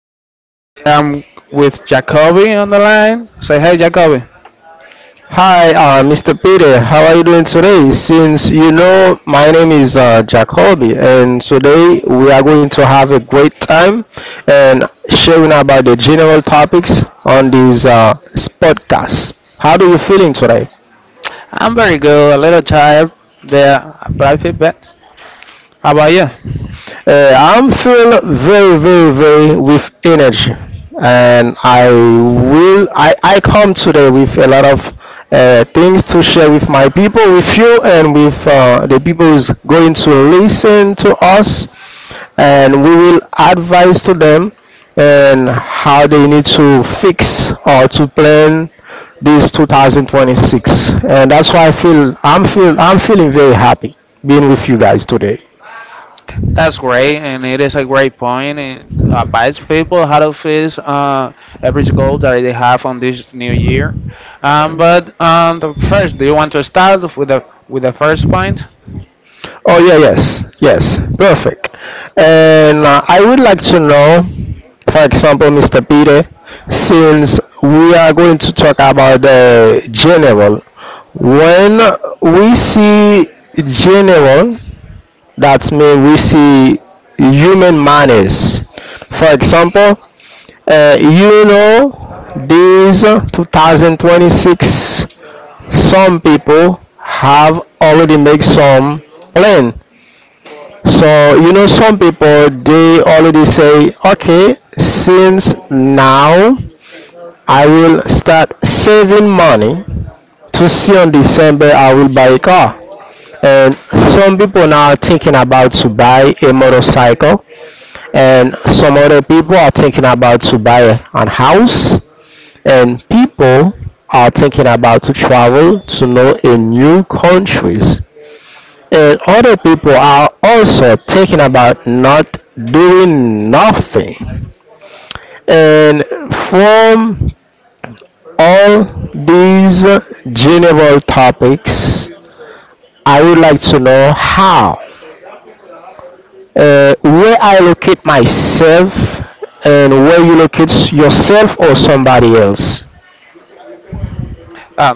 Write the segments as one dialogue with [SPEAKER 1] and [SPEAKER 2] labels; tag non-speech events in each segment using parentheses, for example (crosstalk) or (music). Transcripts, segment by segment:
[SPEAKER 1] Peter. Today I'm with Jacoby on the line. Say hi, Jacoby.
[SPEAKER 2] Hi, Mr. Peter. How are you doing today? Since you know my name is Jacoby, and today we are going to have a great time and sharing about the general topics on this podcast. How do you feeling today?
[SPEAKER 1] I'm very good. A little tired, but I. How about you?
[SPEAKER 2] I'm feeling very, very, very with energy, and I will. I come today with a lot of things to share with my people, with you, and with the people who's going to listen to us, and we will advise to them and how they need to fix or to plan this 2026. And that's why I'm feeling very happy being with you guys today.
[SPEAKER 1] That's great, and it is a great point. It advise people how to face every goal that they have on this new year. But the first, do you want to start with the first point?
[SPEAKER 2] Oh yeah, yes, yes, perfect. And I would like to know, for example, Mr. Peter, since we are going to talk about the general, when we see general, that means we see human manners. For example, you know, this 2026, some people have already made some plan. So you know, some people they already say, okay, since now I will start saving money to see on December I will buy a car. And some people now are thinking about to buy a motorcycle, and some other people are thinking about to buy an house and people are thinking about to travel to know in new countries and other people are also thinking about not doing nothing and from all these general topics. I would like to know how, where I locate myself and where you locate yourself or somebody else.
[SPEAKER 1] Uh,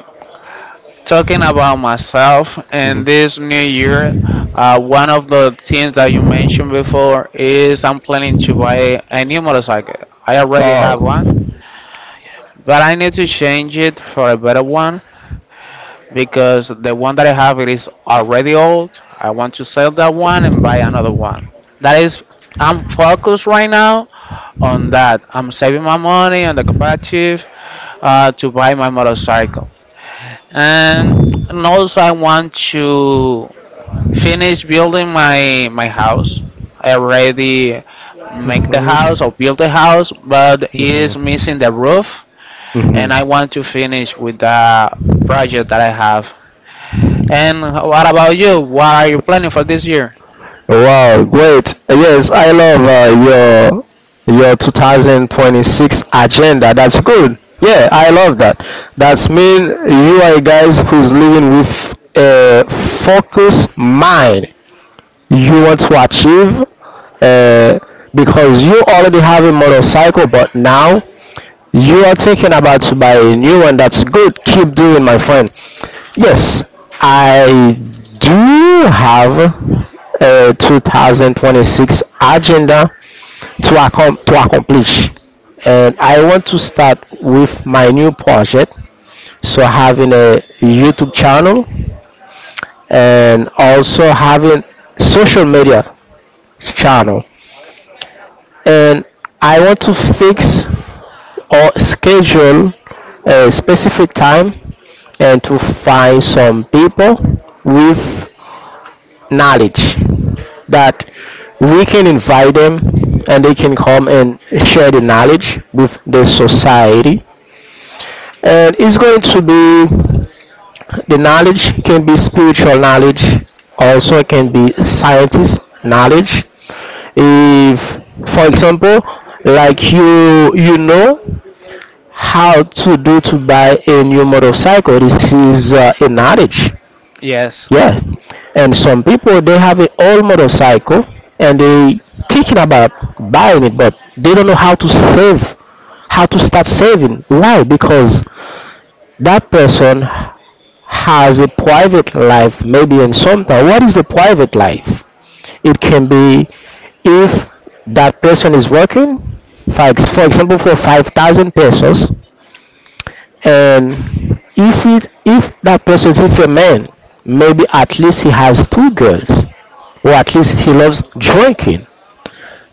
[SPEAKER 1] Talking about myself
[SPEAKER 2] Mhm.
[SPEAKER 1] in this new year, one of the things that you mentioned before is I'm planning to buy a new motorcycle. I already have one, but I need to change it for a better one because the one that I have it is already old. I want to sell that one and buy another one. That is, I'm focused right now on that. I'm saving my money on the cooperative to buy my motorcycle, and and also I want to finish building my house. I already make the house or build the house, but is
[SPEAKER 2] Mhm.
[SPEAKER 1] missing the roof,
[SPEAKER 2] Mhm.
[SPEAKER 1] and I want to finish with the project that I
[SPEAKER 2] Mhm.
[SPEAKER 1] have. And what about you? What are you planning for this year?
[SPEAKER 2] Wow, great. Yes, I love uh, your 2026 agenda. That's good. Yeah, I love that. That's mean you are guys who's living with a focused mind. You want to achieve, uh, because you already have a motorcycle, but now you are thinking about to buy a new one. That's good. Keep doing, my friend. Yes, I do have a 2026 agenda to, to accomplish. And I want to start with my new project. So, having a YouTube channel and also having social media channel, and I want to fix or schedule a specific time and to find some people with knowledge that we can invite them and they can come and share the knowledge with the society. And it's going to be, the knowledge can be spiritual knowledge, also it can be scientist knowledge. If for example like you know how to do to buy a new motorcycle, this is a knowledge.
[SPEAKER 1] Yes.
[SPEAKER 2] Yeah, and some people they have an old motorcycle and they thinking about buying it, but they don't know how to save, how to start saving. Why? Because that person has a private life, maybe. In sometimes, what is the private life? It can be, if that person is working for example for 5,000 pesos, and if it if that person is if a man, maybe at least he has two girls or at least he loves drinking,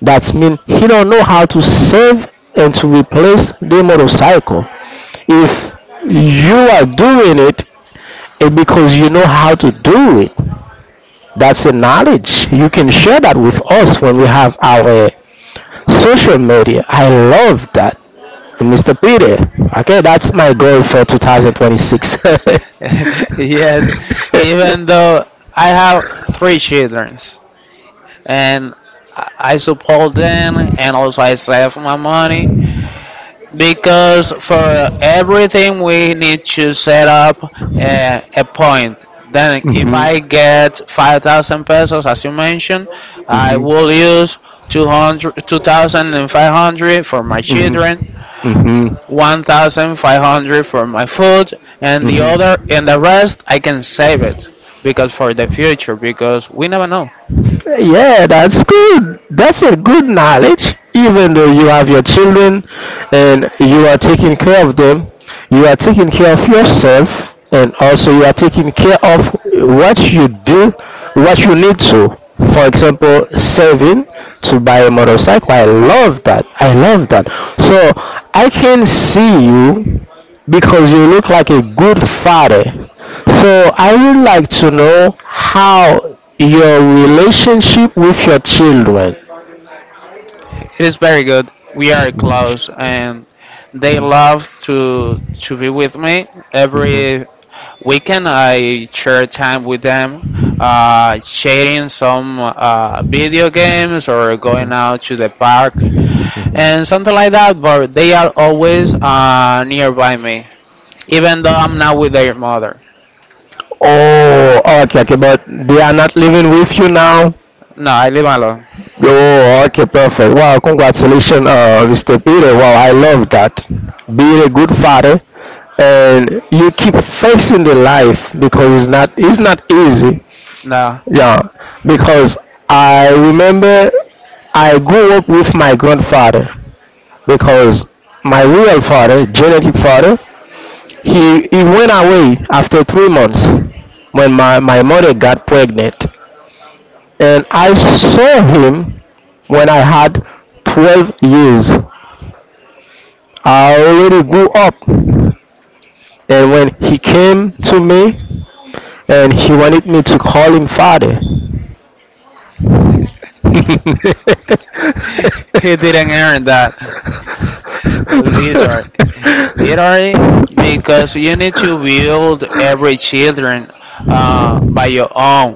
[SPEAKER 2] that means he don't know how to save and to replace the motorcycle. If you are doing it and because you know how to do it, that's a knowledge. You can share that with us when we have our social media. I love that. Mr. Peter, okay, that's my goal for 2026.
[SPEAKER 1] (laughs) Yes, even though I
[SPEAKER 2] (laughs)
[SPEAKER 1] have three children, and I support them, and also I save my money. Because for everything we need to set up a point. Then if I get 5,000 pesos, as you mentioned, I will use 200, two thousand and five hundred for my children,
[SPEAKER 2] Mm-hmm.
[SPEAKER 1] 1,500 for my food, and the other and the rest I can save it because for the future, because we never know.
[SPEAKER 2] Yeah, that's good. That's a good knowledge. Even though you have your children and you are taking care of them, you are taking care of yourself and also you are taking care of what you do, what you need to. For example, saving to buy a motorcycle. I love that. I love that. So I can see you because you look like a good father. So I would like to know how your relationship with your children.
[SPEAKER 1] It is very good. We are close, and they love to be with me every weekend. I share time with them, sharing some video games or going out to the park and something like that. But they are always nearby me, even though I'm not with their mother.
[SPEAKER 2] Oh, okay, okay, but they are not living with you now.
[SPEAKER 1] No, I live alone.
[SPEAKER 2] Oh, okay, perfect. Wow, congratulations, Mr. Peter. Wow, I love that. Being a good father, and you keep facing the life because it's not easy.
[SPEAKER 1] No.
[SPEAKER 2] Yeah, because I remember I grew up with my grandfather, because my real father, genetic father, he went away after 3 months when my mother got pregnant. And I saw him when I had 12 years. I already grew up. And when he came to me and he wanted me to call him father, mm
[SPEAKER 1] (laughs) He didn't earn that. Literally, literally, because you need to build every children by your own.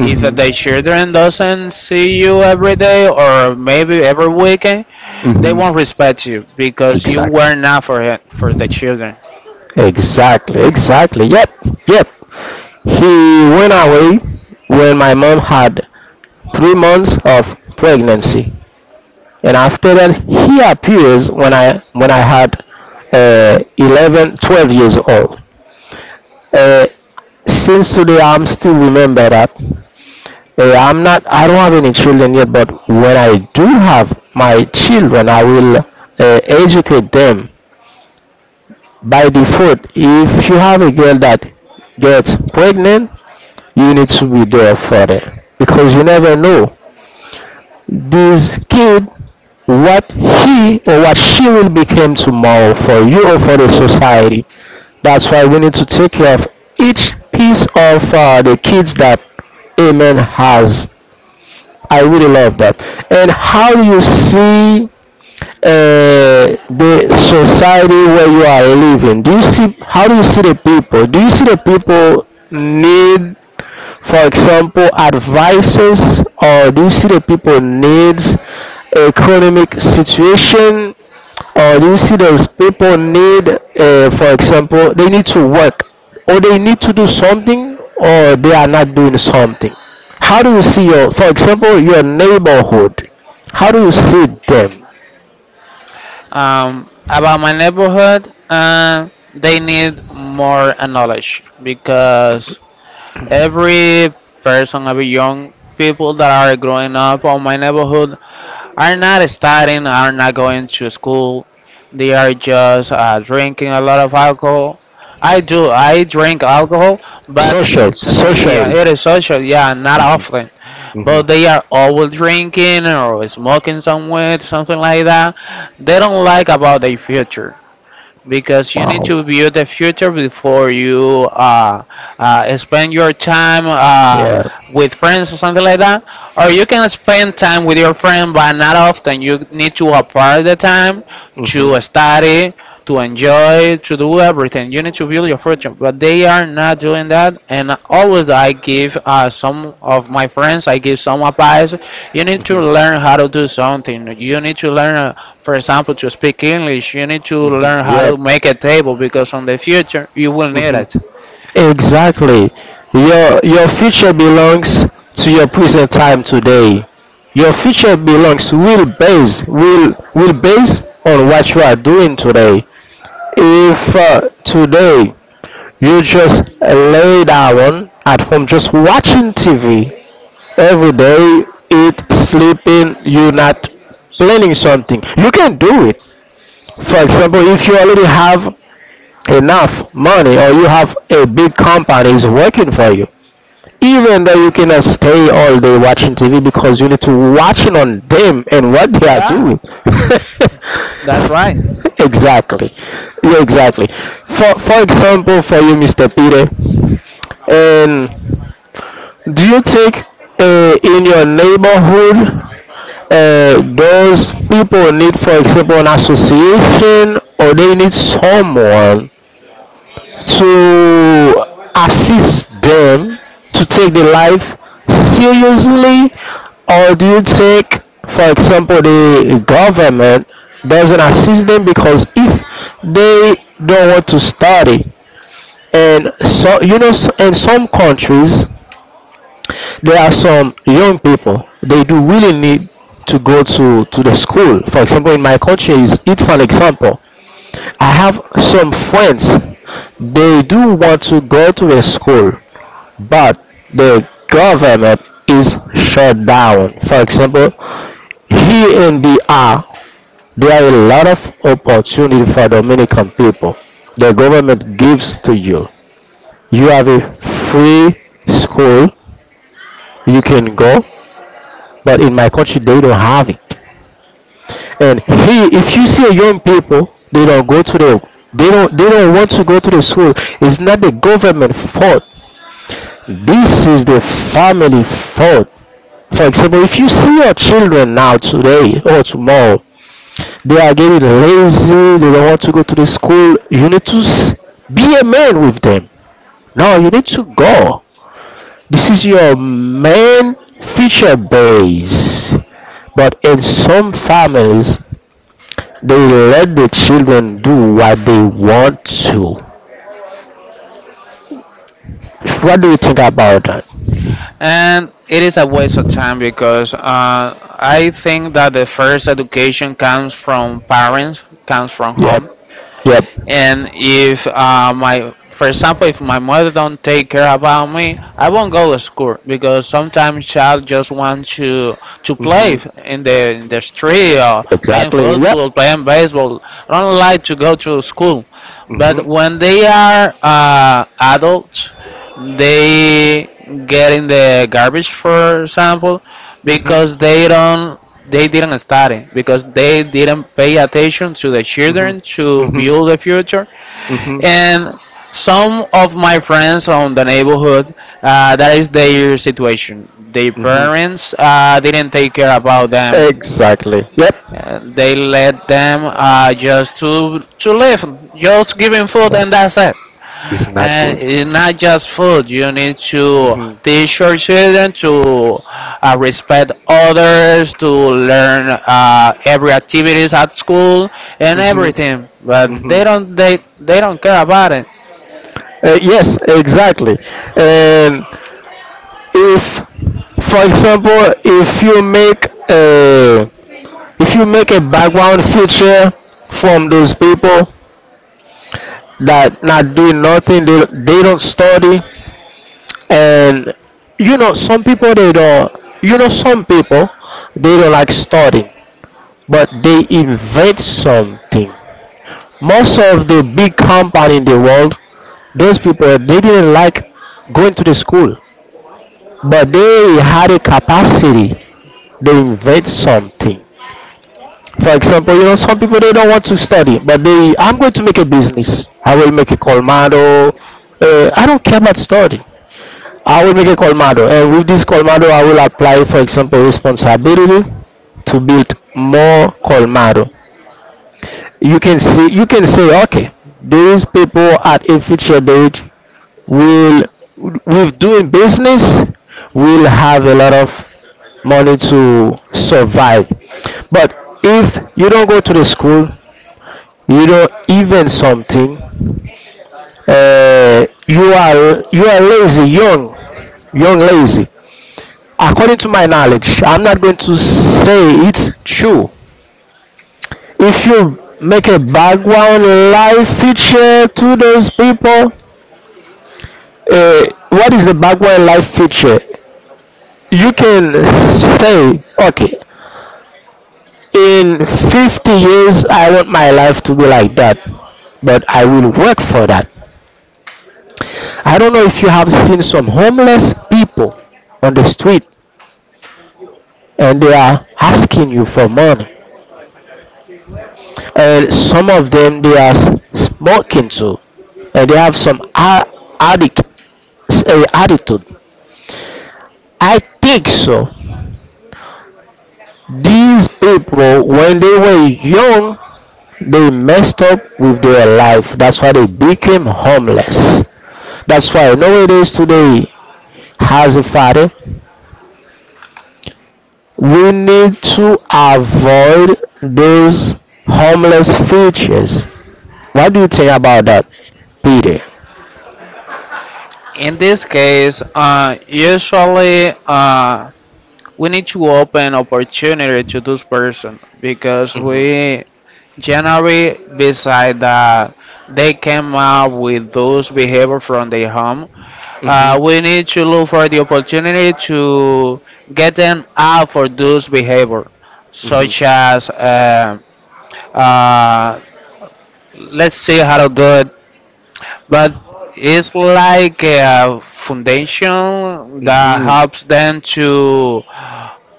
[SPEAKER 1] If
[SPEAKER 2] Mhm.
[SPEAKER 1] the
[SPEAKER 2] That
[SPEAKER 1] children doesn't see you every day or maybe every weekend, they
[SPEAKER 2] hmm.
[SPEAKER 1] won't respect you because you
[SPEAKER 2] Exactly.
[SPEAKER 1] were not for it, for the children.
[SPEAKER 2] Exactly, exactly. Yep, yep. He went away when my mom had 3 months of pregnancy. And after that he appears when I had 11, 12 years old. Uh, since today I'm still remember that. I don't have any children yet, but when I do have my children, I will educate them by default. If you have a girl that gets pregnant, you need to be there for them because you never know this kid, what he or what she will become tomorrow for you or for the society. That's why we need to take care of each piece of the kids that Amen has. I really love that. And how do you see the society where you are living? Do you see, how do you see the people? Do you see the people need, for example, advices? Or do you see the people needs economic situation? Or do you see those people need, for example, they need to work or they need to do something, or they are not doing something? How do you see your, for example, your neighborhood? How do you see them?
[SPEAKER 1] About my neighborhood, they need more knowledge because every person, every young people that are growing up on my neighborhood are not studying, are not going to school. They are just drinking a lot of alcohol. I do, I drink alcohol, but
[SPEAKER 2] Social,
[SPEAKER 1] it's, yeah,
[SPEAKER 2] socially.
[SPEAKER 1] it is social, yeah, not often.
[SPEAKER 2] Hmm.
[SPEAKER 1] But they are always drinking or smoking some weed, something like that. They don't like about their future, because you need to view the future before you spend your time with friends or something like that. Or you can spend time with your friend, but not often. You need to apply the time to study, to enjoy, to do everything. You need to build your fortune, but they are not doing that. And always, I give some of my friends, I give some advice. You need to learn how to do something. You need to learn, for example, to speak English. You need to
[SPEAKER 2] Mhm.
[SPEAKER 1] learn how to
[SPEAKER 2] Yep.
[SPEAKER 1] make a table because on the future you will need
[SPEAKER 2] Mhm.
[SPEAKER 1] it.
[SPEAKER 2] Exactly. Your future belongs to your present time today. Your future belongs, will base on what you are doing today. If today you just lay down at home just watching TV every day, eat, sleeping, you're not planning something, you can do it. For example, if you already have enough money or you have a big company is working for you, even though you cannot stay all day watching tv because you need to watch on them and what they are
[SPEAKER 1] Yeah,
[SPEAKER 2] doing.
[SPEAKER 1] that's right.
[SPEAKER 2] (laughs) Exactly. Yeah, exactly. For example, for you, Mr. Peter, and do you think, in your neighborhood, those people need, for example, an association, or they need someone to assist them, to take their life seriously? Or do you think, for example, the government doesn't assist them? Because if they don't want to study, and so you know, in some countries there are some young people they do really need to go to the school. For example, in my country is, it's an example. I have some friends. They do want to go to a school, but the government is shut down. For example, here in BR, there are a lot of opportunity for Dominican people. The government gives to you. You have a free school you can go, but in my country they don't have it. And he, if you see young people, they don't go to the, they don't want to go to the school, it's not the government fault. This is the family fault. For example, if you see your children now today or tomorrow they are getting lazy, they don't want to go to the school, you need to, be a man with them. No, you need to go, this is your main feature base. But in some families, they let the children do what they want to. What do you think about that?
[SPEAKER 1] And it is a waste of time because I think that the first education comes from parents, comes from home.
[SPEAKER 2] Yep. Yep.
[SPEAKER 1] And if my, for example, if my mother don't take care about me, I won't go to school because sometimes child just want to play
[SPEAKER 2] Mm-hmm.
[SPEAKER 1] in the street or playing football, playing baseball. I don't like to go to school, but when they are adults, they get in the garbage, for example, because they don't they didn't study because they didn't pay attention to the children to build the future,
[SPEAKER 2] Mm-hmm.
[SPEAKER 1] and some of my friends on the neighborhood that is their situation. Their
[SPEAKER 2] Mhm.
[SPEAKER 1] parents didn't take care about them.
[SPEAKER 2] Exactly. Yep.
[SPEAKER 1] They let them just to live, just giving food and that's it.
[SPEAKER 2] It's not.
[SPEAKER 1] And it's not just food. You need to
[SPEAKER 2] Mm-hmm.
[SPEAKER 1] teach your children to respect others, to learn every activities at school and everything. But
[SPEAKER 2] Mhm.
[SPEAKER 1] they don't care about it.
[SPEAKER 2] Don't. Yes, exactly. And if, for example, if you make a, if you make a background feature from those people that not doing nothing, they don't study. And you know some people they don't, you know some people they don't like studying, but they invent something. Most of the big company in the world, those people they didn't like going to the school, but they had a capacity, they invent something. For example, you know, some people they don't want to study, but they, I'm going to make a business. I will make a colmado. I don't care about study. I will make a colmado, and with this colmado, I will apply, for example, responsibility to build more colmado. You can see, you can say, okay, these people at a future date will, with doing business, will have a lot of money to survive. But if you don't go to the school, you don't even something, you are lazy young, young lazy. According to my knowledge, I'm not going to say it's true. If you make a background life feature to those people, uh, what is the background life feature? You can say, okay, in 50 years, I want my life to be like that, but I will work for that. I don't know if you have seen some homeless people on the street and they are asking you for money. And some of them, they are smoking too. And they have some addict attitude. I think so. These people, when they were young, they messed up with their life. That's why they became homeless. That's why nowadays today, as a father, we need to avoid those homeless features. What do you think about that, Peter?
[SPEAKER 1] In this case, usually we need to open opportunity to those person because we generally beside that they came up with those behavior from their home. We need to look for the opportunity to get them out for those behavior, such as uh, let's see how to do it, but it's like a foundation that helps them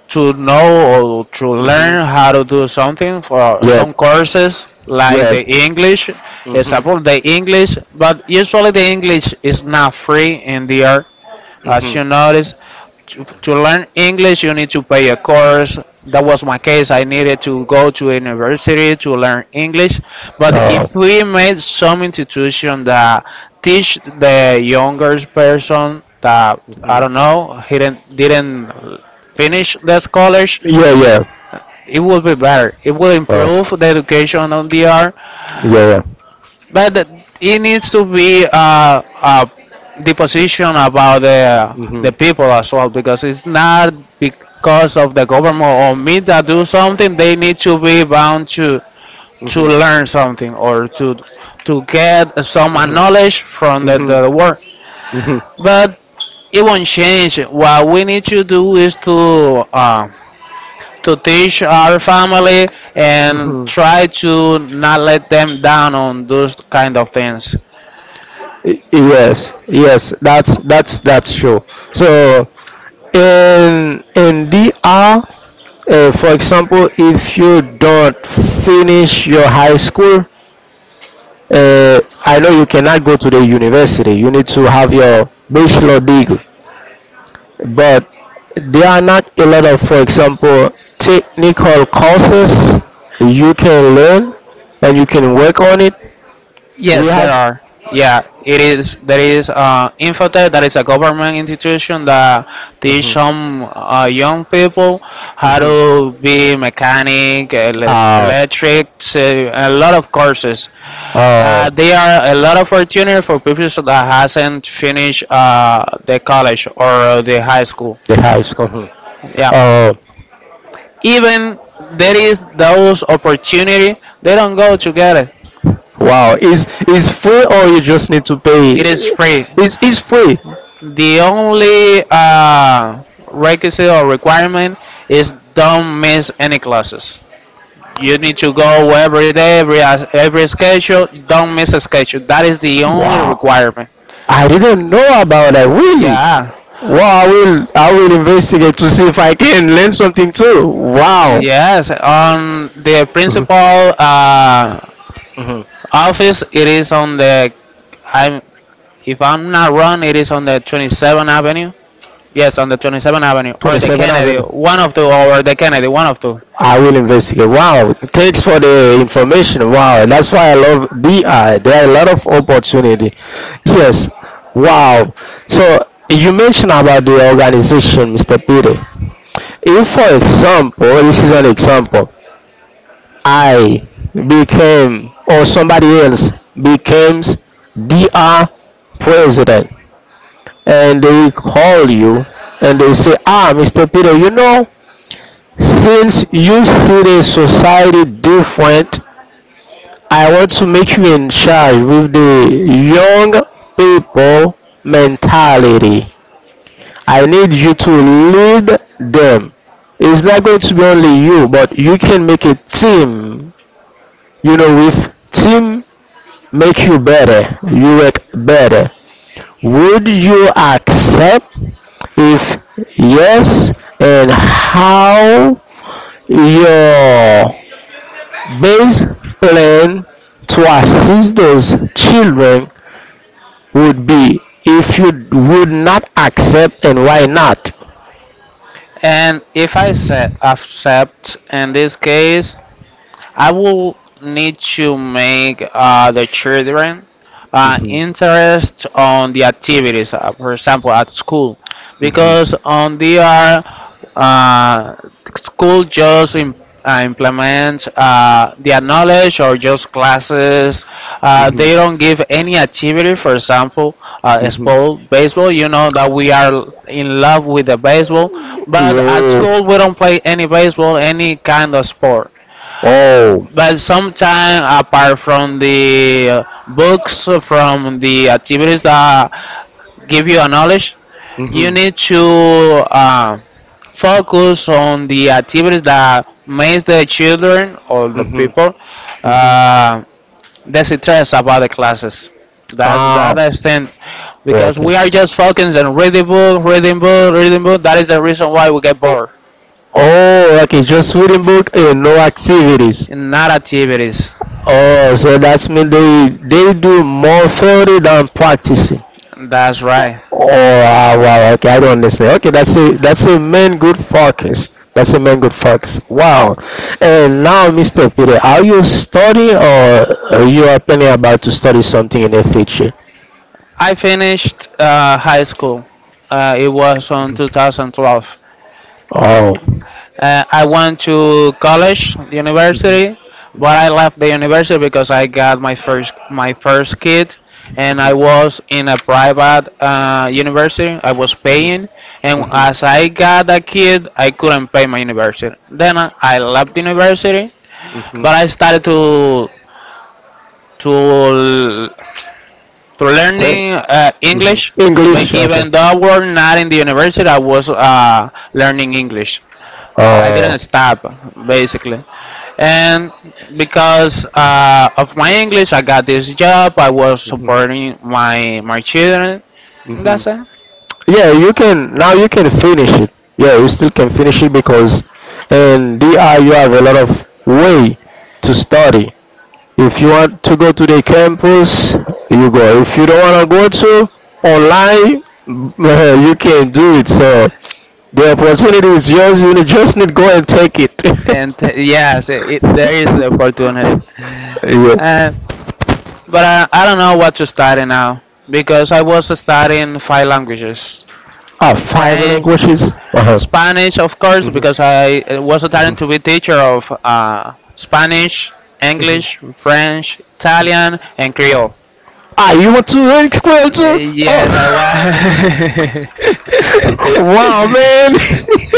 [SPEAKER 1] to know or to learn how to do something, for some courses like the English example, the English. But usually the English is not free in the air. As you notice, to learn English, you need to pay a course. That was my case. I needed to go to a university to learn English. But if we made some institution that teach the younger person that, I don't know, he didn't finish the college,
[SPEAKER 2] Yeah, yeah.
[SPEAKER 1] it would be better. It will improve the education on the art,
[SPEAKER 2] Growth. Yeah, yeah.
[SPEAKER 1] but it needs to be the position about the
[SPEAKER 2] Mhm.
[SPEAKER 1] people as well, because it's not because of the government or me that do something. They need to be bound to
[SPEAKER 2] Mhm.
[SPEAKER 1] learn something or to get some
[SPEAKER 2] Mhm.
[SPEAKER 1] knowledge from
[SPEAKER 2] Mhm.
[SPEAKER 1] the work.
[SPEAKER 2] Mhm. But
[SPEAKER 1] But it won't change. What we need to do is to teach our family and
[SPEAKER 2] mhm.
[SPEAKER 1] try to not let them down on those kind of things.
[SPEAKER 2] Yes, yes, that's true. So in DR, for example, if you don't finish your high school, uh, I know you cannot go to the university. You need to have your bachelor degree, but there are not a lot of, for example, technical courses you can learn and you can work on it. We
[SPEAKER 1] Yes, there
[SPEAKER 2] have
[SPEAKER 1] are. Yeah, it is. There is Infotech, that is a government institution that teach
[SPEAKER 2] mhm.
[SPEAKER 1] some young people how
[SPEAKER 2] Mhm.
[SPEAKER 1] to be mechanic, elec-
[SPEAKER 2] Uh,
[SPEAKER 1] electrics, a lot of courses.
[SPEAKER 2] Oh.
[SPEAKER 1] There are a lot of opportunity for people that hasn't finished the college or the high school.
[SPEAKER 2] The house. Mhm.
[SPEAKER 1] Yeah,
[SPEAKER 2] Oh.
[SPEAKER 1] even there is those opportunity, they don't go together.
[SPEAKER 2] Wow. Is free or you just need to
[SPEAKER 1] It
[SPEAKER 2] pay?
[SPEAKER 1] is free.
[SPEAKER 2] Is free.
[SPEAKER 1] The only requisite or requirement is don't miss any classes. You need to go every day, every schedule. Don't miss a schedule. That is the only requirement.
[SPEAKER 2] I didn't
[SPEAKER 1] I.
[SPEAKER 2] know about that. Really? Ah,
[SPEAKER 1] Yeah. Wow.
[SPEAKER 2] wow. I will investigate to see if I can learn something too. Wow.
[SPEAKER 1] Yes, on the
[SPEAKER 2] Mhm.
[SPEAKER 1] principal uh,
[SPEAKER 2] Mhm. Of
[SPEAKER 1] office, it is on the, I'm, if I'm not wrong, it is on the 27th Avenue. Yes, on the 27th Avenue or the
[SPEAKER 2] 27th
[SPEAKER 1] Kennedy,
[SPEAKER 2] Avenue.
[SPEAKER 1] one of two, or the Kennedy, one of two.
[SPEAKER 2] I will investigate. Wow, thanks for the information. Wow, that's why I love DI. There are a lot of opportunity. Yes. Wow. So you mentioned about the organization, Mr. Peter. If, for example, this is an example, I became or somebody else becomes DR president, and they call you and they say, "Ah, Mr. Peter, you know. Since you see the society different, I want to make you in charge with the young people mentality. I need you to lead them. It's not going to be only you, but you can make a team. With team make you better, you work better. Would you accept?" If yes, and how your best plan to assist those children would be. If you would not accept and why not.
[SPEAKER 1] And if I say accept in this case, I will need to make the children interest on the activities, for example, at school,
[SPEAKER 2] Mhm.
[SPEAKER 1] because on their uh, uh, school just im- implement their knowledge or just classes.
[SPEAKER 2] Mhm.
[SPEAKER 1] They don't give any activity, for example,
[SPEAKER 2] Mhm.
[SPEAKER 1] sport, baseball. You know that we are in love with the baseball, but at
[SPEAKER 2] Yo,
[SPEAKER 1] school we don't play any baseball, any kind of sport.
[SPEAKER 2] oh,
[SPEAKER 1] But sometimes, apart from the books, from the activities that give you a knowledge, you
[SPEAKER 2] mm-hmm.
[SPEAKER 1] need to focus on the activities that makes the children or the
[SPEAKER 2] Mm-hmm.
[SPEAKER 1] people
[SPEAKER 2] Mm-hmm.
[SPEAKER 1] uh, distress about the classes. That's the
[SPEAKER 2] Ah,
[SPEAKER 1] other thing,
[SPEAKER 2] oh,
[SPEAKER 1] because
[SPEAKER 2] okay.
[SPEAKER 1] we are just focused on reading book, reading book, reading book. That is the reason why we get bored,
[SPEAKER 2] Oh, okay. Just reading book and no activities.
[SPEAKER 1] not activities.
[SPEAKER 2] Oh, so that means they do more theory than practicing.
[SPEAKER 1] That's right.
[SPEAKER 2] Oh wow, wow, okay, I don't understand. Okay, that's a main good focus. That's a main good focus. Wow. And now, Mr. Peter, are you studying or are you are planning about to study something in the future?
[SPEAKER 1] I finished high school. It was on 2012.
[SPEAKER 2] Oh, I
[SPEAKER 1] I went to college, the university, but I left the university because I got my first kid, and I was in a private university. I was paying, and as I got a kid, I couldn't pay my university. Then I left university,
[SPEAKER 2] mm-hmm.
[SPEAKER 1] but I started to to
[SPEAKER 2] Take-
[SPEAKER 1] learning English. But
[SPEAKER 2] English.
[SPEAKER 1] even though I was not in the university, I was learning English. I
[SPEAKER 2] Oh,
[SPEAKER 1] didn't stop, basically. And because of my English, I got this job. I was
[SPEAKER 2] mhm.
[SPEAKER 1] supporting my children.
[SPEAKER 2] Hmm,
[SPEAKER 1] That's it.
[SPEAKER 2] yeah, you can now you can finish it. Yeah, you still can finish it because in DI you have a lot of way to study. If you want to go to the campus, you go. If you don't want to go to online, (laughs) you can do it. So the opportunity is yours. You just need to go and take it.
[SPEAKER 1] And
[SPEAKER 2] Yeah,
[SPEAKER 1] yes,
[SPEAKER 2] (laughs)
[SPEAKER 1] it- there is the opportunity.
[SPEAKER 2] yeah.
[SPEAKER 1] Uh, but I don't know what to study now because I was studying five languages:
[SPEAKER 2] Ah, five
[SPEAKER 1] French,
[SPEAKER 2] languages. Uh-huh.
[SPEAKER 1] Spanish, of course,
[SPEAKER 2] Mhm.
[SPEAKER 1] because I was a talent to be teacher of Spanish,
[SPEAKER 2] Mm-hmm.
[SPEAKER 1] English, French, Italian, and Creole.
[SPEAKER 2] Ah, you want to learn Creole too?
[SPEAKER 1] Too? Yes, I. Well,
[SPEAKER 2] Oh. (laughs)
[SPEAKER 1] man, was. (laughs)
[SPEAKER 2] Wow,
[SPEAKER 1] Wow,
[SPEAKER 2] man.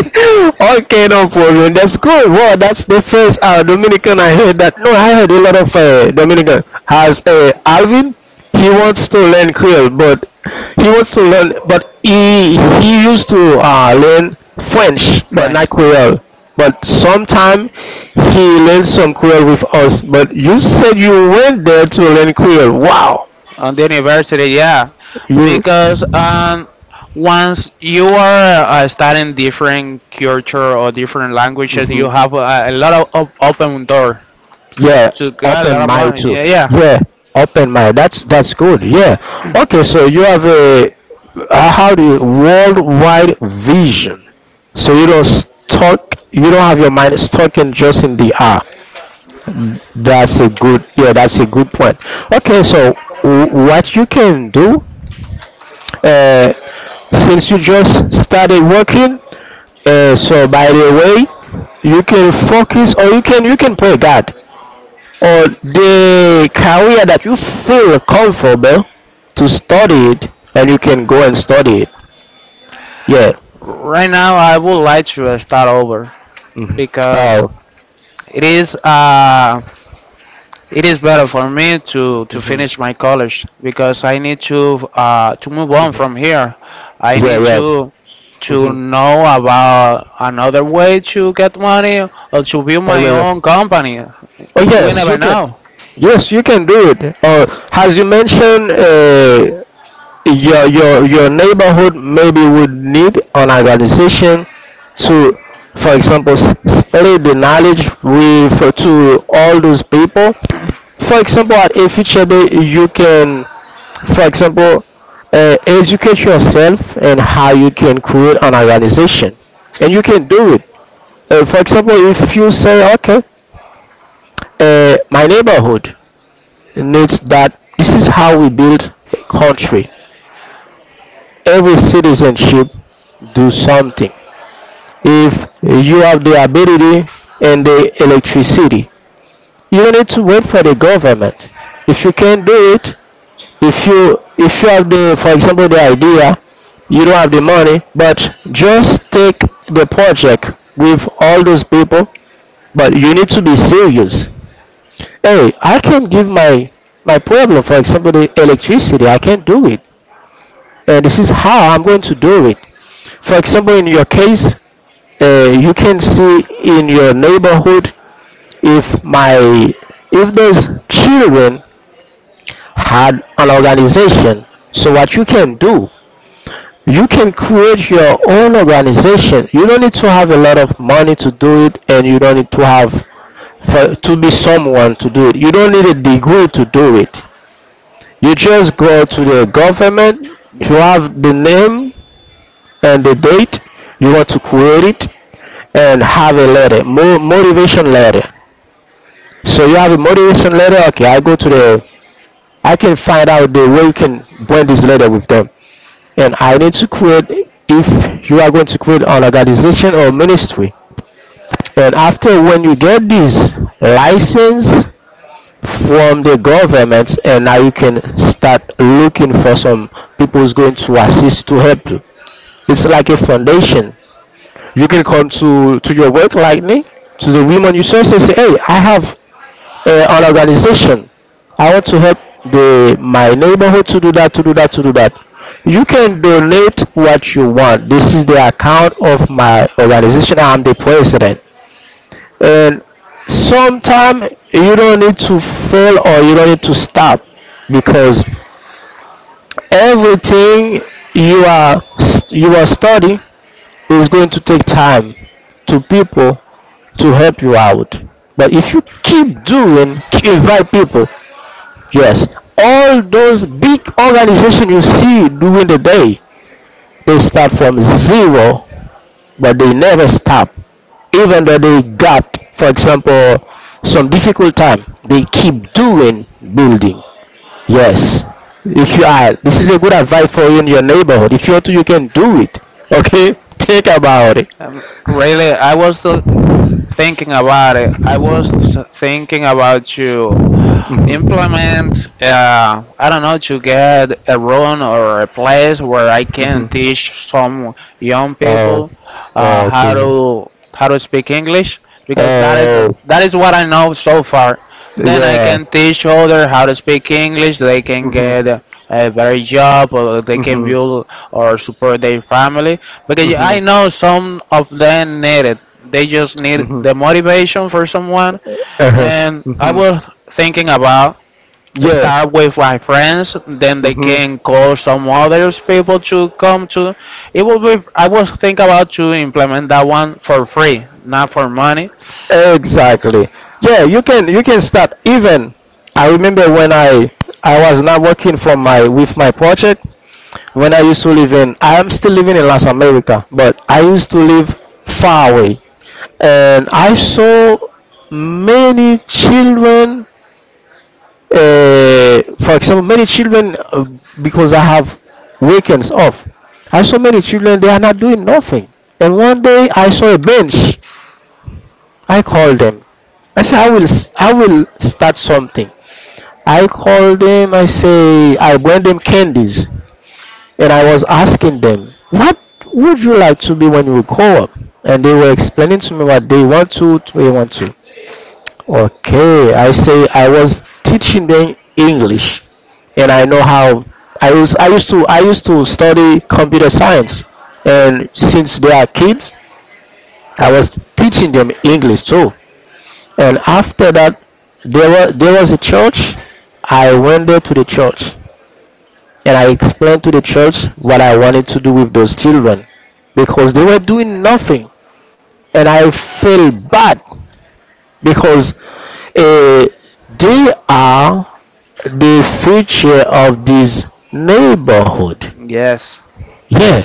[SPEAKER 2] (laughs) Okay, no problem. That's good. Wow, that's the first Dominican I heard
[SPEAKER 1] do.
[SPEAKER 2] that. No, I heard a lot of Dominican has Alvin. He
[SPEAKER 1] Uh,
[SPEAKER 2] wants to learn Creole, but he wants to learn, but he used to learn French,
[SPEAKER 1] (laughs)
[SPEAKER 2] but not Creole. But sometime he learned some Creole with us. But you said you went there to learn Creole. Wow.
[SPEAKER 1] on the university, yeah,
[SPEAKER 2] Yeah.
[SPEAKER 1] because once you are studying different culture or different languages,
[SPEAKER 2] Hmm.
[SPEAKER 1] you have a lot of op- open door
[SPEAKER 2] Yeah,
[SPEAKER 1] to get a lot
[SPEAKER 2] open
[SPEAKER 1] of
[SPEAKER 2] mind
[SPEAKER 1] money.
[SPEAKER 2] too.
[SPEAKER 1] Yeah, yeah. Yeah.
[SPEAKER 2] Yeah, open mind. That's good. Yeah. Okay, so you have a how do you worldwide vision. So you don't stuck. You don't have your mind stuck in just in the ah. That's a good. Yeah, that's a good point. Okay, so what you can do, uh, since you just started working, so by the way, you can focus or you can pray God or the career that you feel comfortable to study it, and you can go and study it. Yeah.
[SPEAKER 1] Right now I would like to start over
[SPEAKER 2] Hmm.
[SPEAKER 1] because
[SPEAKER 2] Oh.
[SPEAKER 1] it is it is better for me to
[SPEAKER 2] Hmm.
[SPEAKER 1] finish my college because I need to move on
[SPEAKER 2] Hmm.
[SPEAKER 1] from here. I
[SPEAKER 2] Yeah,
[SPEAKER 1] need
[SPEAKER 2] yeah.
[SPEAKER 1] to
[SPEAKER 2] Hmm.
[SPEAKER 1] know about another way to get money or to build
[SPEAKER 2] Oh
[SPEAKER 1] my
[SPEAKER 2] yeah,
[SPEAKER 1] own
[SPEAKER 2] yeah.
[SPEAKER 1] company.
[SPEAKER 2] Oh
[SPEAKER 1] We
[SPEAKER 2] yes
[SPEAKER 1] never
[SPEAKER 2] you can.
[SPEAKER 1] know.
[SPEAKER 2] Yes you can do it. Or as you mentioned, your neighborhood maybe would need an organization to, for example, spread the knowledge with to all those people. For example, at a future day, you can, for example, educate yourself and how you can create an organization and you can do it. For example, if you say, okay, my neighborhood needs that. This is how we build a country. Every citizenship, do something. If you have the ability and the electricity, you need to wait for the government. If you can't do it, if you have the, for example, the idea, you don't have the money, but just take the project with all those people. But you need to be serious. Hey, I can not give my problem, for example, the electricity. I can't do it, and this is how I'm going to do it. For example, in your case, you can see in your neighborhood. If my, if those children had an organization, so what you can do, you can create your own organization. You don't need to have a lot of money to do it, and you don't need to have for, to be someone to do it. You don't need a degree to do it. You just go to the government. You have the name and the date you want to create it, and have a letter, motivation letter. So you have a motivation letter. Okay, I go to the. I can find out the way you can blend this letter with them. And I need to create if you are going to create an organization or ministry. And after, when you get this license from the government, and now you can start looking for some people who's going to assist to help you. It's like a foundation. You can come to your work like me, to the women you serve, and say, "Hey, I have an organization. I want to help the my neighborhood to do that, to do that, to do that. You can donate what you want. This is the account of my organization. I'm the president." And sometimes you don't need to fail or you don't need to stop because everything you are you are studying is going to take time to people to help you out. But if you keep doing, invite people. Yes, all those big organizations you see during the day, they start from zero, but they never stop. Even though they got, for example, some difficult time, they keep doing, building. Yes, if you are, this is a good advice for you in your neighborhood. If you want to, you can do it. Okay, (laughs) think about it.
[SPEAKER 1] Really, I was thinking about it. I was thinking about to
[SPEAKER 2] Mhm.
[SPEAKER 1] implement, I don't know, to get a room or a place where I
[SPEAKER 2] Mhm.
[SPEAKER 1] can teach some young
[SPEAKER 2] Oh,
[SPEAKER 1] people
[SPEAKER 2] okay.
[SPEAKER 1] how to speak English because
[SPEAKER 2] Oh,
[SPEAKER 1] that is what I know so far. Then I
[SPEAKER 2] yeah.
[SPEAKER 1] can teach others how to speak English. They can get a better job or they can
[SPEAKER 2] Mm-hmm.
[SPEAKER 1] build or support their family because I know some of them need it. They just need the motivation for someone,
[SPEAKER 2] Uh-huh.
[SPEAKER 1] and I
[SPEAKER 2] Hmm.
[SPEAKER 1] was thinking about
[SPEAKER 2] Yeah.
[SPEAKER 1] start with my friends, then they
[SPEAKER 2] Hmm.
[SPEAKER 1] can call some others people to come to. It will be, I was thinking about to implement that one for free, not for money.
[SPEAKER 2] Exactly. Yeah, you can start even. I remember when I was not working for my with my project. When I used to live in, I am still living in Las America, but I used to live far away, and I saw many children. For example, many children, because I have weekends off. I saw many children they are not doing nothing, and one day I saw a bench. I called them. I said I will start something. I called them. I say I bring them candies and I was asking them, what would you like to be when you grow up? And they were explaining to me what they want to they want to. Okay, I say I was teaching them English, and I know how I was. I used to study computer science, and since they are kids, I was teaching them English too. And after that, there was a church. I went there to the church and I explained to the church what I wanted to do with those children because they were doing nothing, and I feel bad because uh, they are the future of this neighborhood.
[SPEAKER 1] Yes.
[SPEAKER 2] Yeah,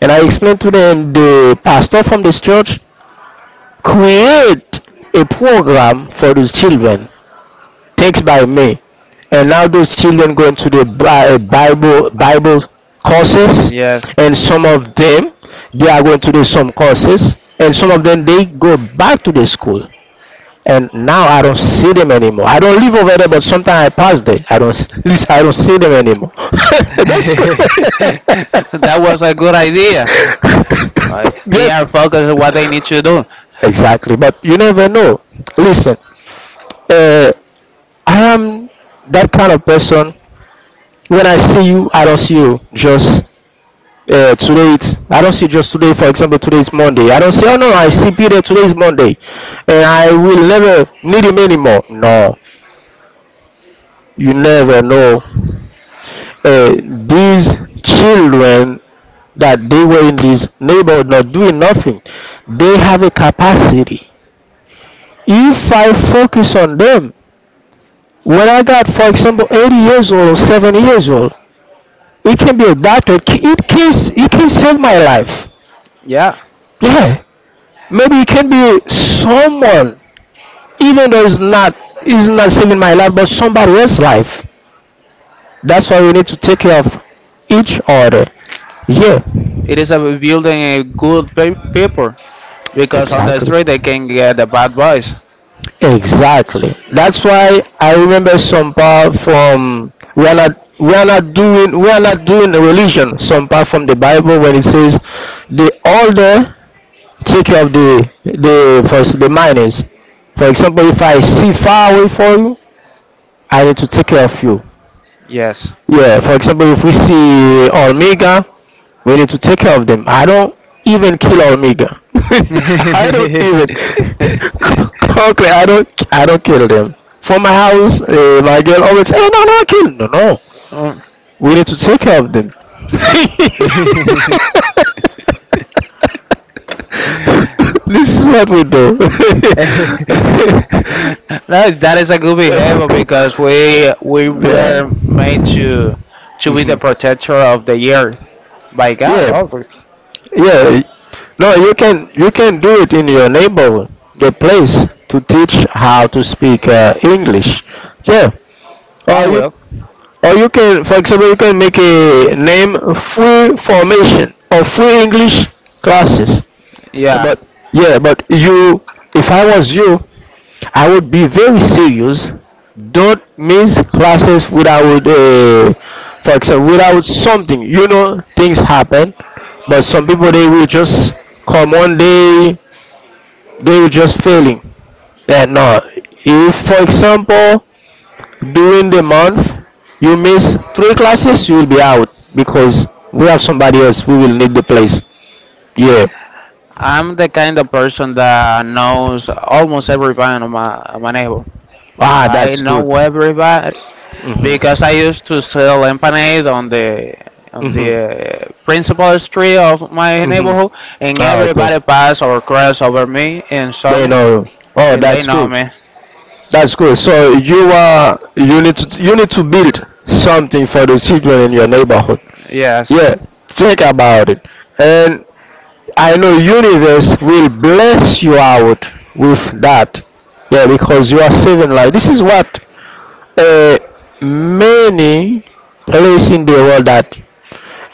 [SPEAKER 2] and I explained to them the pastor from this church create a program for those children text by me. And now those children going to the Bible courses,
[SPEAKER 1] Yes.
[SPEAKER 2] and some of them they are going to do some courses, and some of them they go back to the school. And now I don't see them anymore. I don't live over there, but sometimes I pass there. I don't (laughs) I don't see them anymore. (laughs)
[SPEAKER 1] (laughs)
[SPEAKER 2] That's good.
[SPEAKER 1] That was a good idea.
[SPEAKER 2] Idea. (laughs)
[SPEAKER 1] They
[SPEAKER 2] Good.
[SPEAKER 1] are focused on what they need to do.
[SPEAKER 2] Exactly, but you never know. Listen, uh, I am that kind of person. When I see you, I don't see you. Just today, it's, I don't see you just today. For example, today is Monday. I don't say, oh no, I see Peter. Today is Monday, and I will never need him anymore. No, you never know. These children that they were in this neighborhood not doing nothing, they have a capacity. If I focus on them, when I got, for example, 80 years old or 70 years old, it can be a doctor. It can save my life.
[SPEAKER 1] Yeah,
[SPEAKER 2] Yeah, maybe it can be someone, even though it's not saving my life, but somebody else's life. That's why we need to take care of each other. Yeah,
[SPEAKER 1] it is a building a good pe- people because on the
[SPEAKER 2] exactly.
[SPEAKER 1] street they can get the bad boys.
[SPEAKER 2] Exactly. That's why I remember some part from we are not doing we are not doing a religion. Some part from the Bible when it says the older take care of the for the minors. For example, if I see far away for you, I need to take care of you.
[SPEAKER 1] Yes.
[SPEAKER 2] Yeah, for example, if we see Omega, we need to take care of them. I don't even kill Omega. (laughs) I don't even
[SPEAKER 1] (laughs) I
[SPEAKER 2] (laughs)
[SPEAKER 1] don't.
[SPEAKER 2] concrete. I don't kill them. For my house, my girl always. Hey, no, no, kill. No, no.
[SPEAKER 1] Oh.
[SPEAKER 2] We need to take care of them. (laughs) This is what we do.
[SPEAKER 1] That, that is a good behavior because we
[SPEAKER 2] (laughs) Yeah.
[SPEAKER 1] were made to be the
[SPEAKER 2] Hmm.
[SPEAKER 1] protector of the earth by God.
[SPEAKER 2] Yeah,
[SPEAKER 1] Obviously,
[SPEAKER 2] yeah. No, you can do it in your neighborhood, your place, to teach how to speak English. Yeah,
[SPEAKER 1] I
[SPEAKER 2] or you
[SPEAKER 1] will.
[SPEAKER 2] or you can, for example, you can make a name free formation or free English classes.
[SPEAKER 1] Yeah,
[SPEAKER 2] But yeah, but you, if I was you, I would be very serious. Don't miss classes without, for example, without something. You know, things happen, but some people they will just come one day, they will just failing. Yeah, no. If, for example, during the month you miss three classes, you will be out because we have somebody else who will need the place. Yeah.
[SPEAKER 1] I'm the kind of person that knows almost everybody on my neighbor.
[SPEAKER 2] Ah,
[SPEAKER 1] I
[SPEAKER 2] that's good.
[SPEAKER 1] know everybody
[SPEAKER 2] Mhm.
[SPEAKER 1] because I used to sell lemonade on the
[SPEAKER 2] Mhm.
[SPEAKER 1] principal street of my
[SPEAKER 2] Mhm.
[SPEAKER 1] neighborhood, and
[SPEAKER 2] Ah, okay.
[SPEAKER 1] everybody pass or cross over me and saw
[SPEAKER 2] They
[SPEAKER 1] me,
[SPEAKER 2] know. Oh,
[SPEAKER 1] and they
[SPEAKER 2] that's
[SPEAKER 1] know
[SPEAKER 2] good.
[SPEAKER 1] me.
[SPEAKER 2] That's good. So you need to build something for the children in your neighborhood.
[SPEAKER 1] Yes,
[SPEAKER 2] Yeah, think about it. And I know universe will bless you out with that. Yeah, because you are saving life. This is what, uh, many places in the world that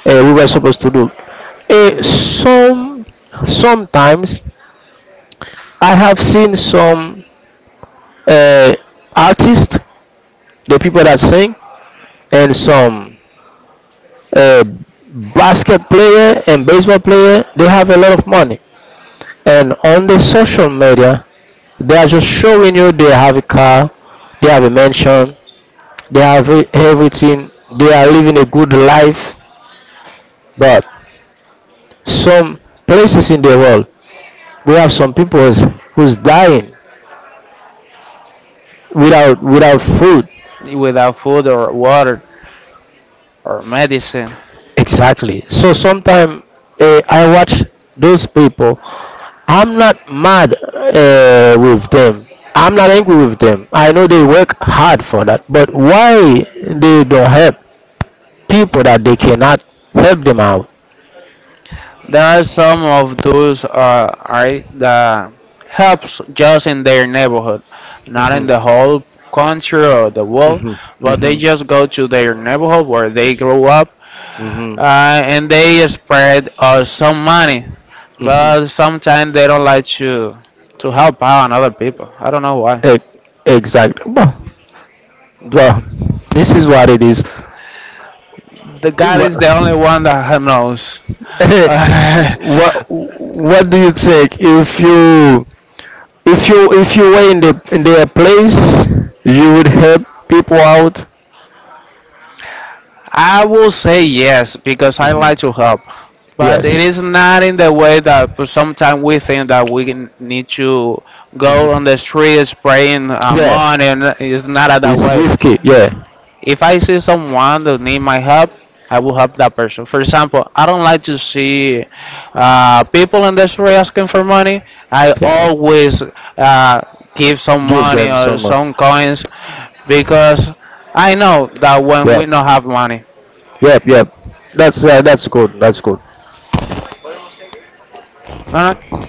[SPEAKER 2] we were supposed to do. Uh, some Sometimes I have seen some uh, artists, the people that sing, and some uh, basket player and baseball player. They have a lot of money, and on the social media, they are just showing you they have a car, they have a mansion, they have everything, they are living a good life, but some places in the world we have some people who's, dying without food.
[SPEAKER 1] without food or water or medicine,
[SPEAKER 2] Exactly. So sometimes, I watch those people. I'm not mad with them. I'm not angry with them. I know they work hard for that, but why they don't help people that they cannot help them out.
[SPEAKER 1] there are some of those are that helps just in their neighborhood, not in
[SPEAKER 2] Hmm.
[SPEAKER 1] the whole country or the world,
[SPEAKER 2] Hmm.
[SPEAKER 1] but they
[SPEAKER 2] Hmm.
[SPEAKER 1] just go to their neighborhood where they grow up and they spread us some money.
[SPEAKER 2] Hmm. Hmm,
[SPEAKER 1] But sometimes they don't like to help out on other people. I don't know why.
[SPEAKER 2] know. Exact. Well, well, this is what it is.
[SPEAKER 1] The God
[SPEAKER 2] What,
[SPEAKER 1] is the only one
[SPEAKER 2] (laughs)
[SPEAKER 1] that knows.
[SPEAKER 2] only
[SPEAKER 1] (laughs)
[SPEAKER 2] one.
[SPEAKER 1] I
[SPEAKER 2] What do you think if you were in the in their place, you would help people out?
[SPEAKER 1] will say yes because I like to
[SPEAKER 2] Hmm.
[SPEAKER 1] help, but
[SPEAKER 2] Yes.
[SPEAKER 1] it is not in the way that sometimes we think that we can- need to
[SPEAKER 2] Hmm.
[SPEAKER 1] go on the street spraying
[SPEAKER 2] Yeah.
[SPEAKER 1] money. And it's not that
[SPEAKER 2] It's
[SPEAKER 1] way.
[SPEAKER 2] whiskey. Yeah.
[SPEAKER 1] If I see someone that need my help, I will help that person. For example, I don't like to see people in the street asking for money. I always uh, give some money or
[SPEAKER 2] Some.
[SPEAKER 1] some coins because I know that when
[SPEAKER 2] Yeah.
[SPEAKER 1] we don't have money,
[SPEAKER 2] Yep, yep. That's good. That's good.
[SPEAKER 1] no, no,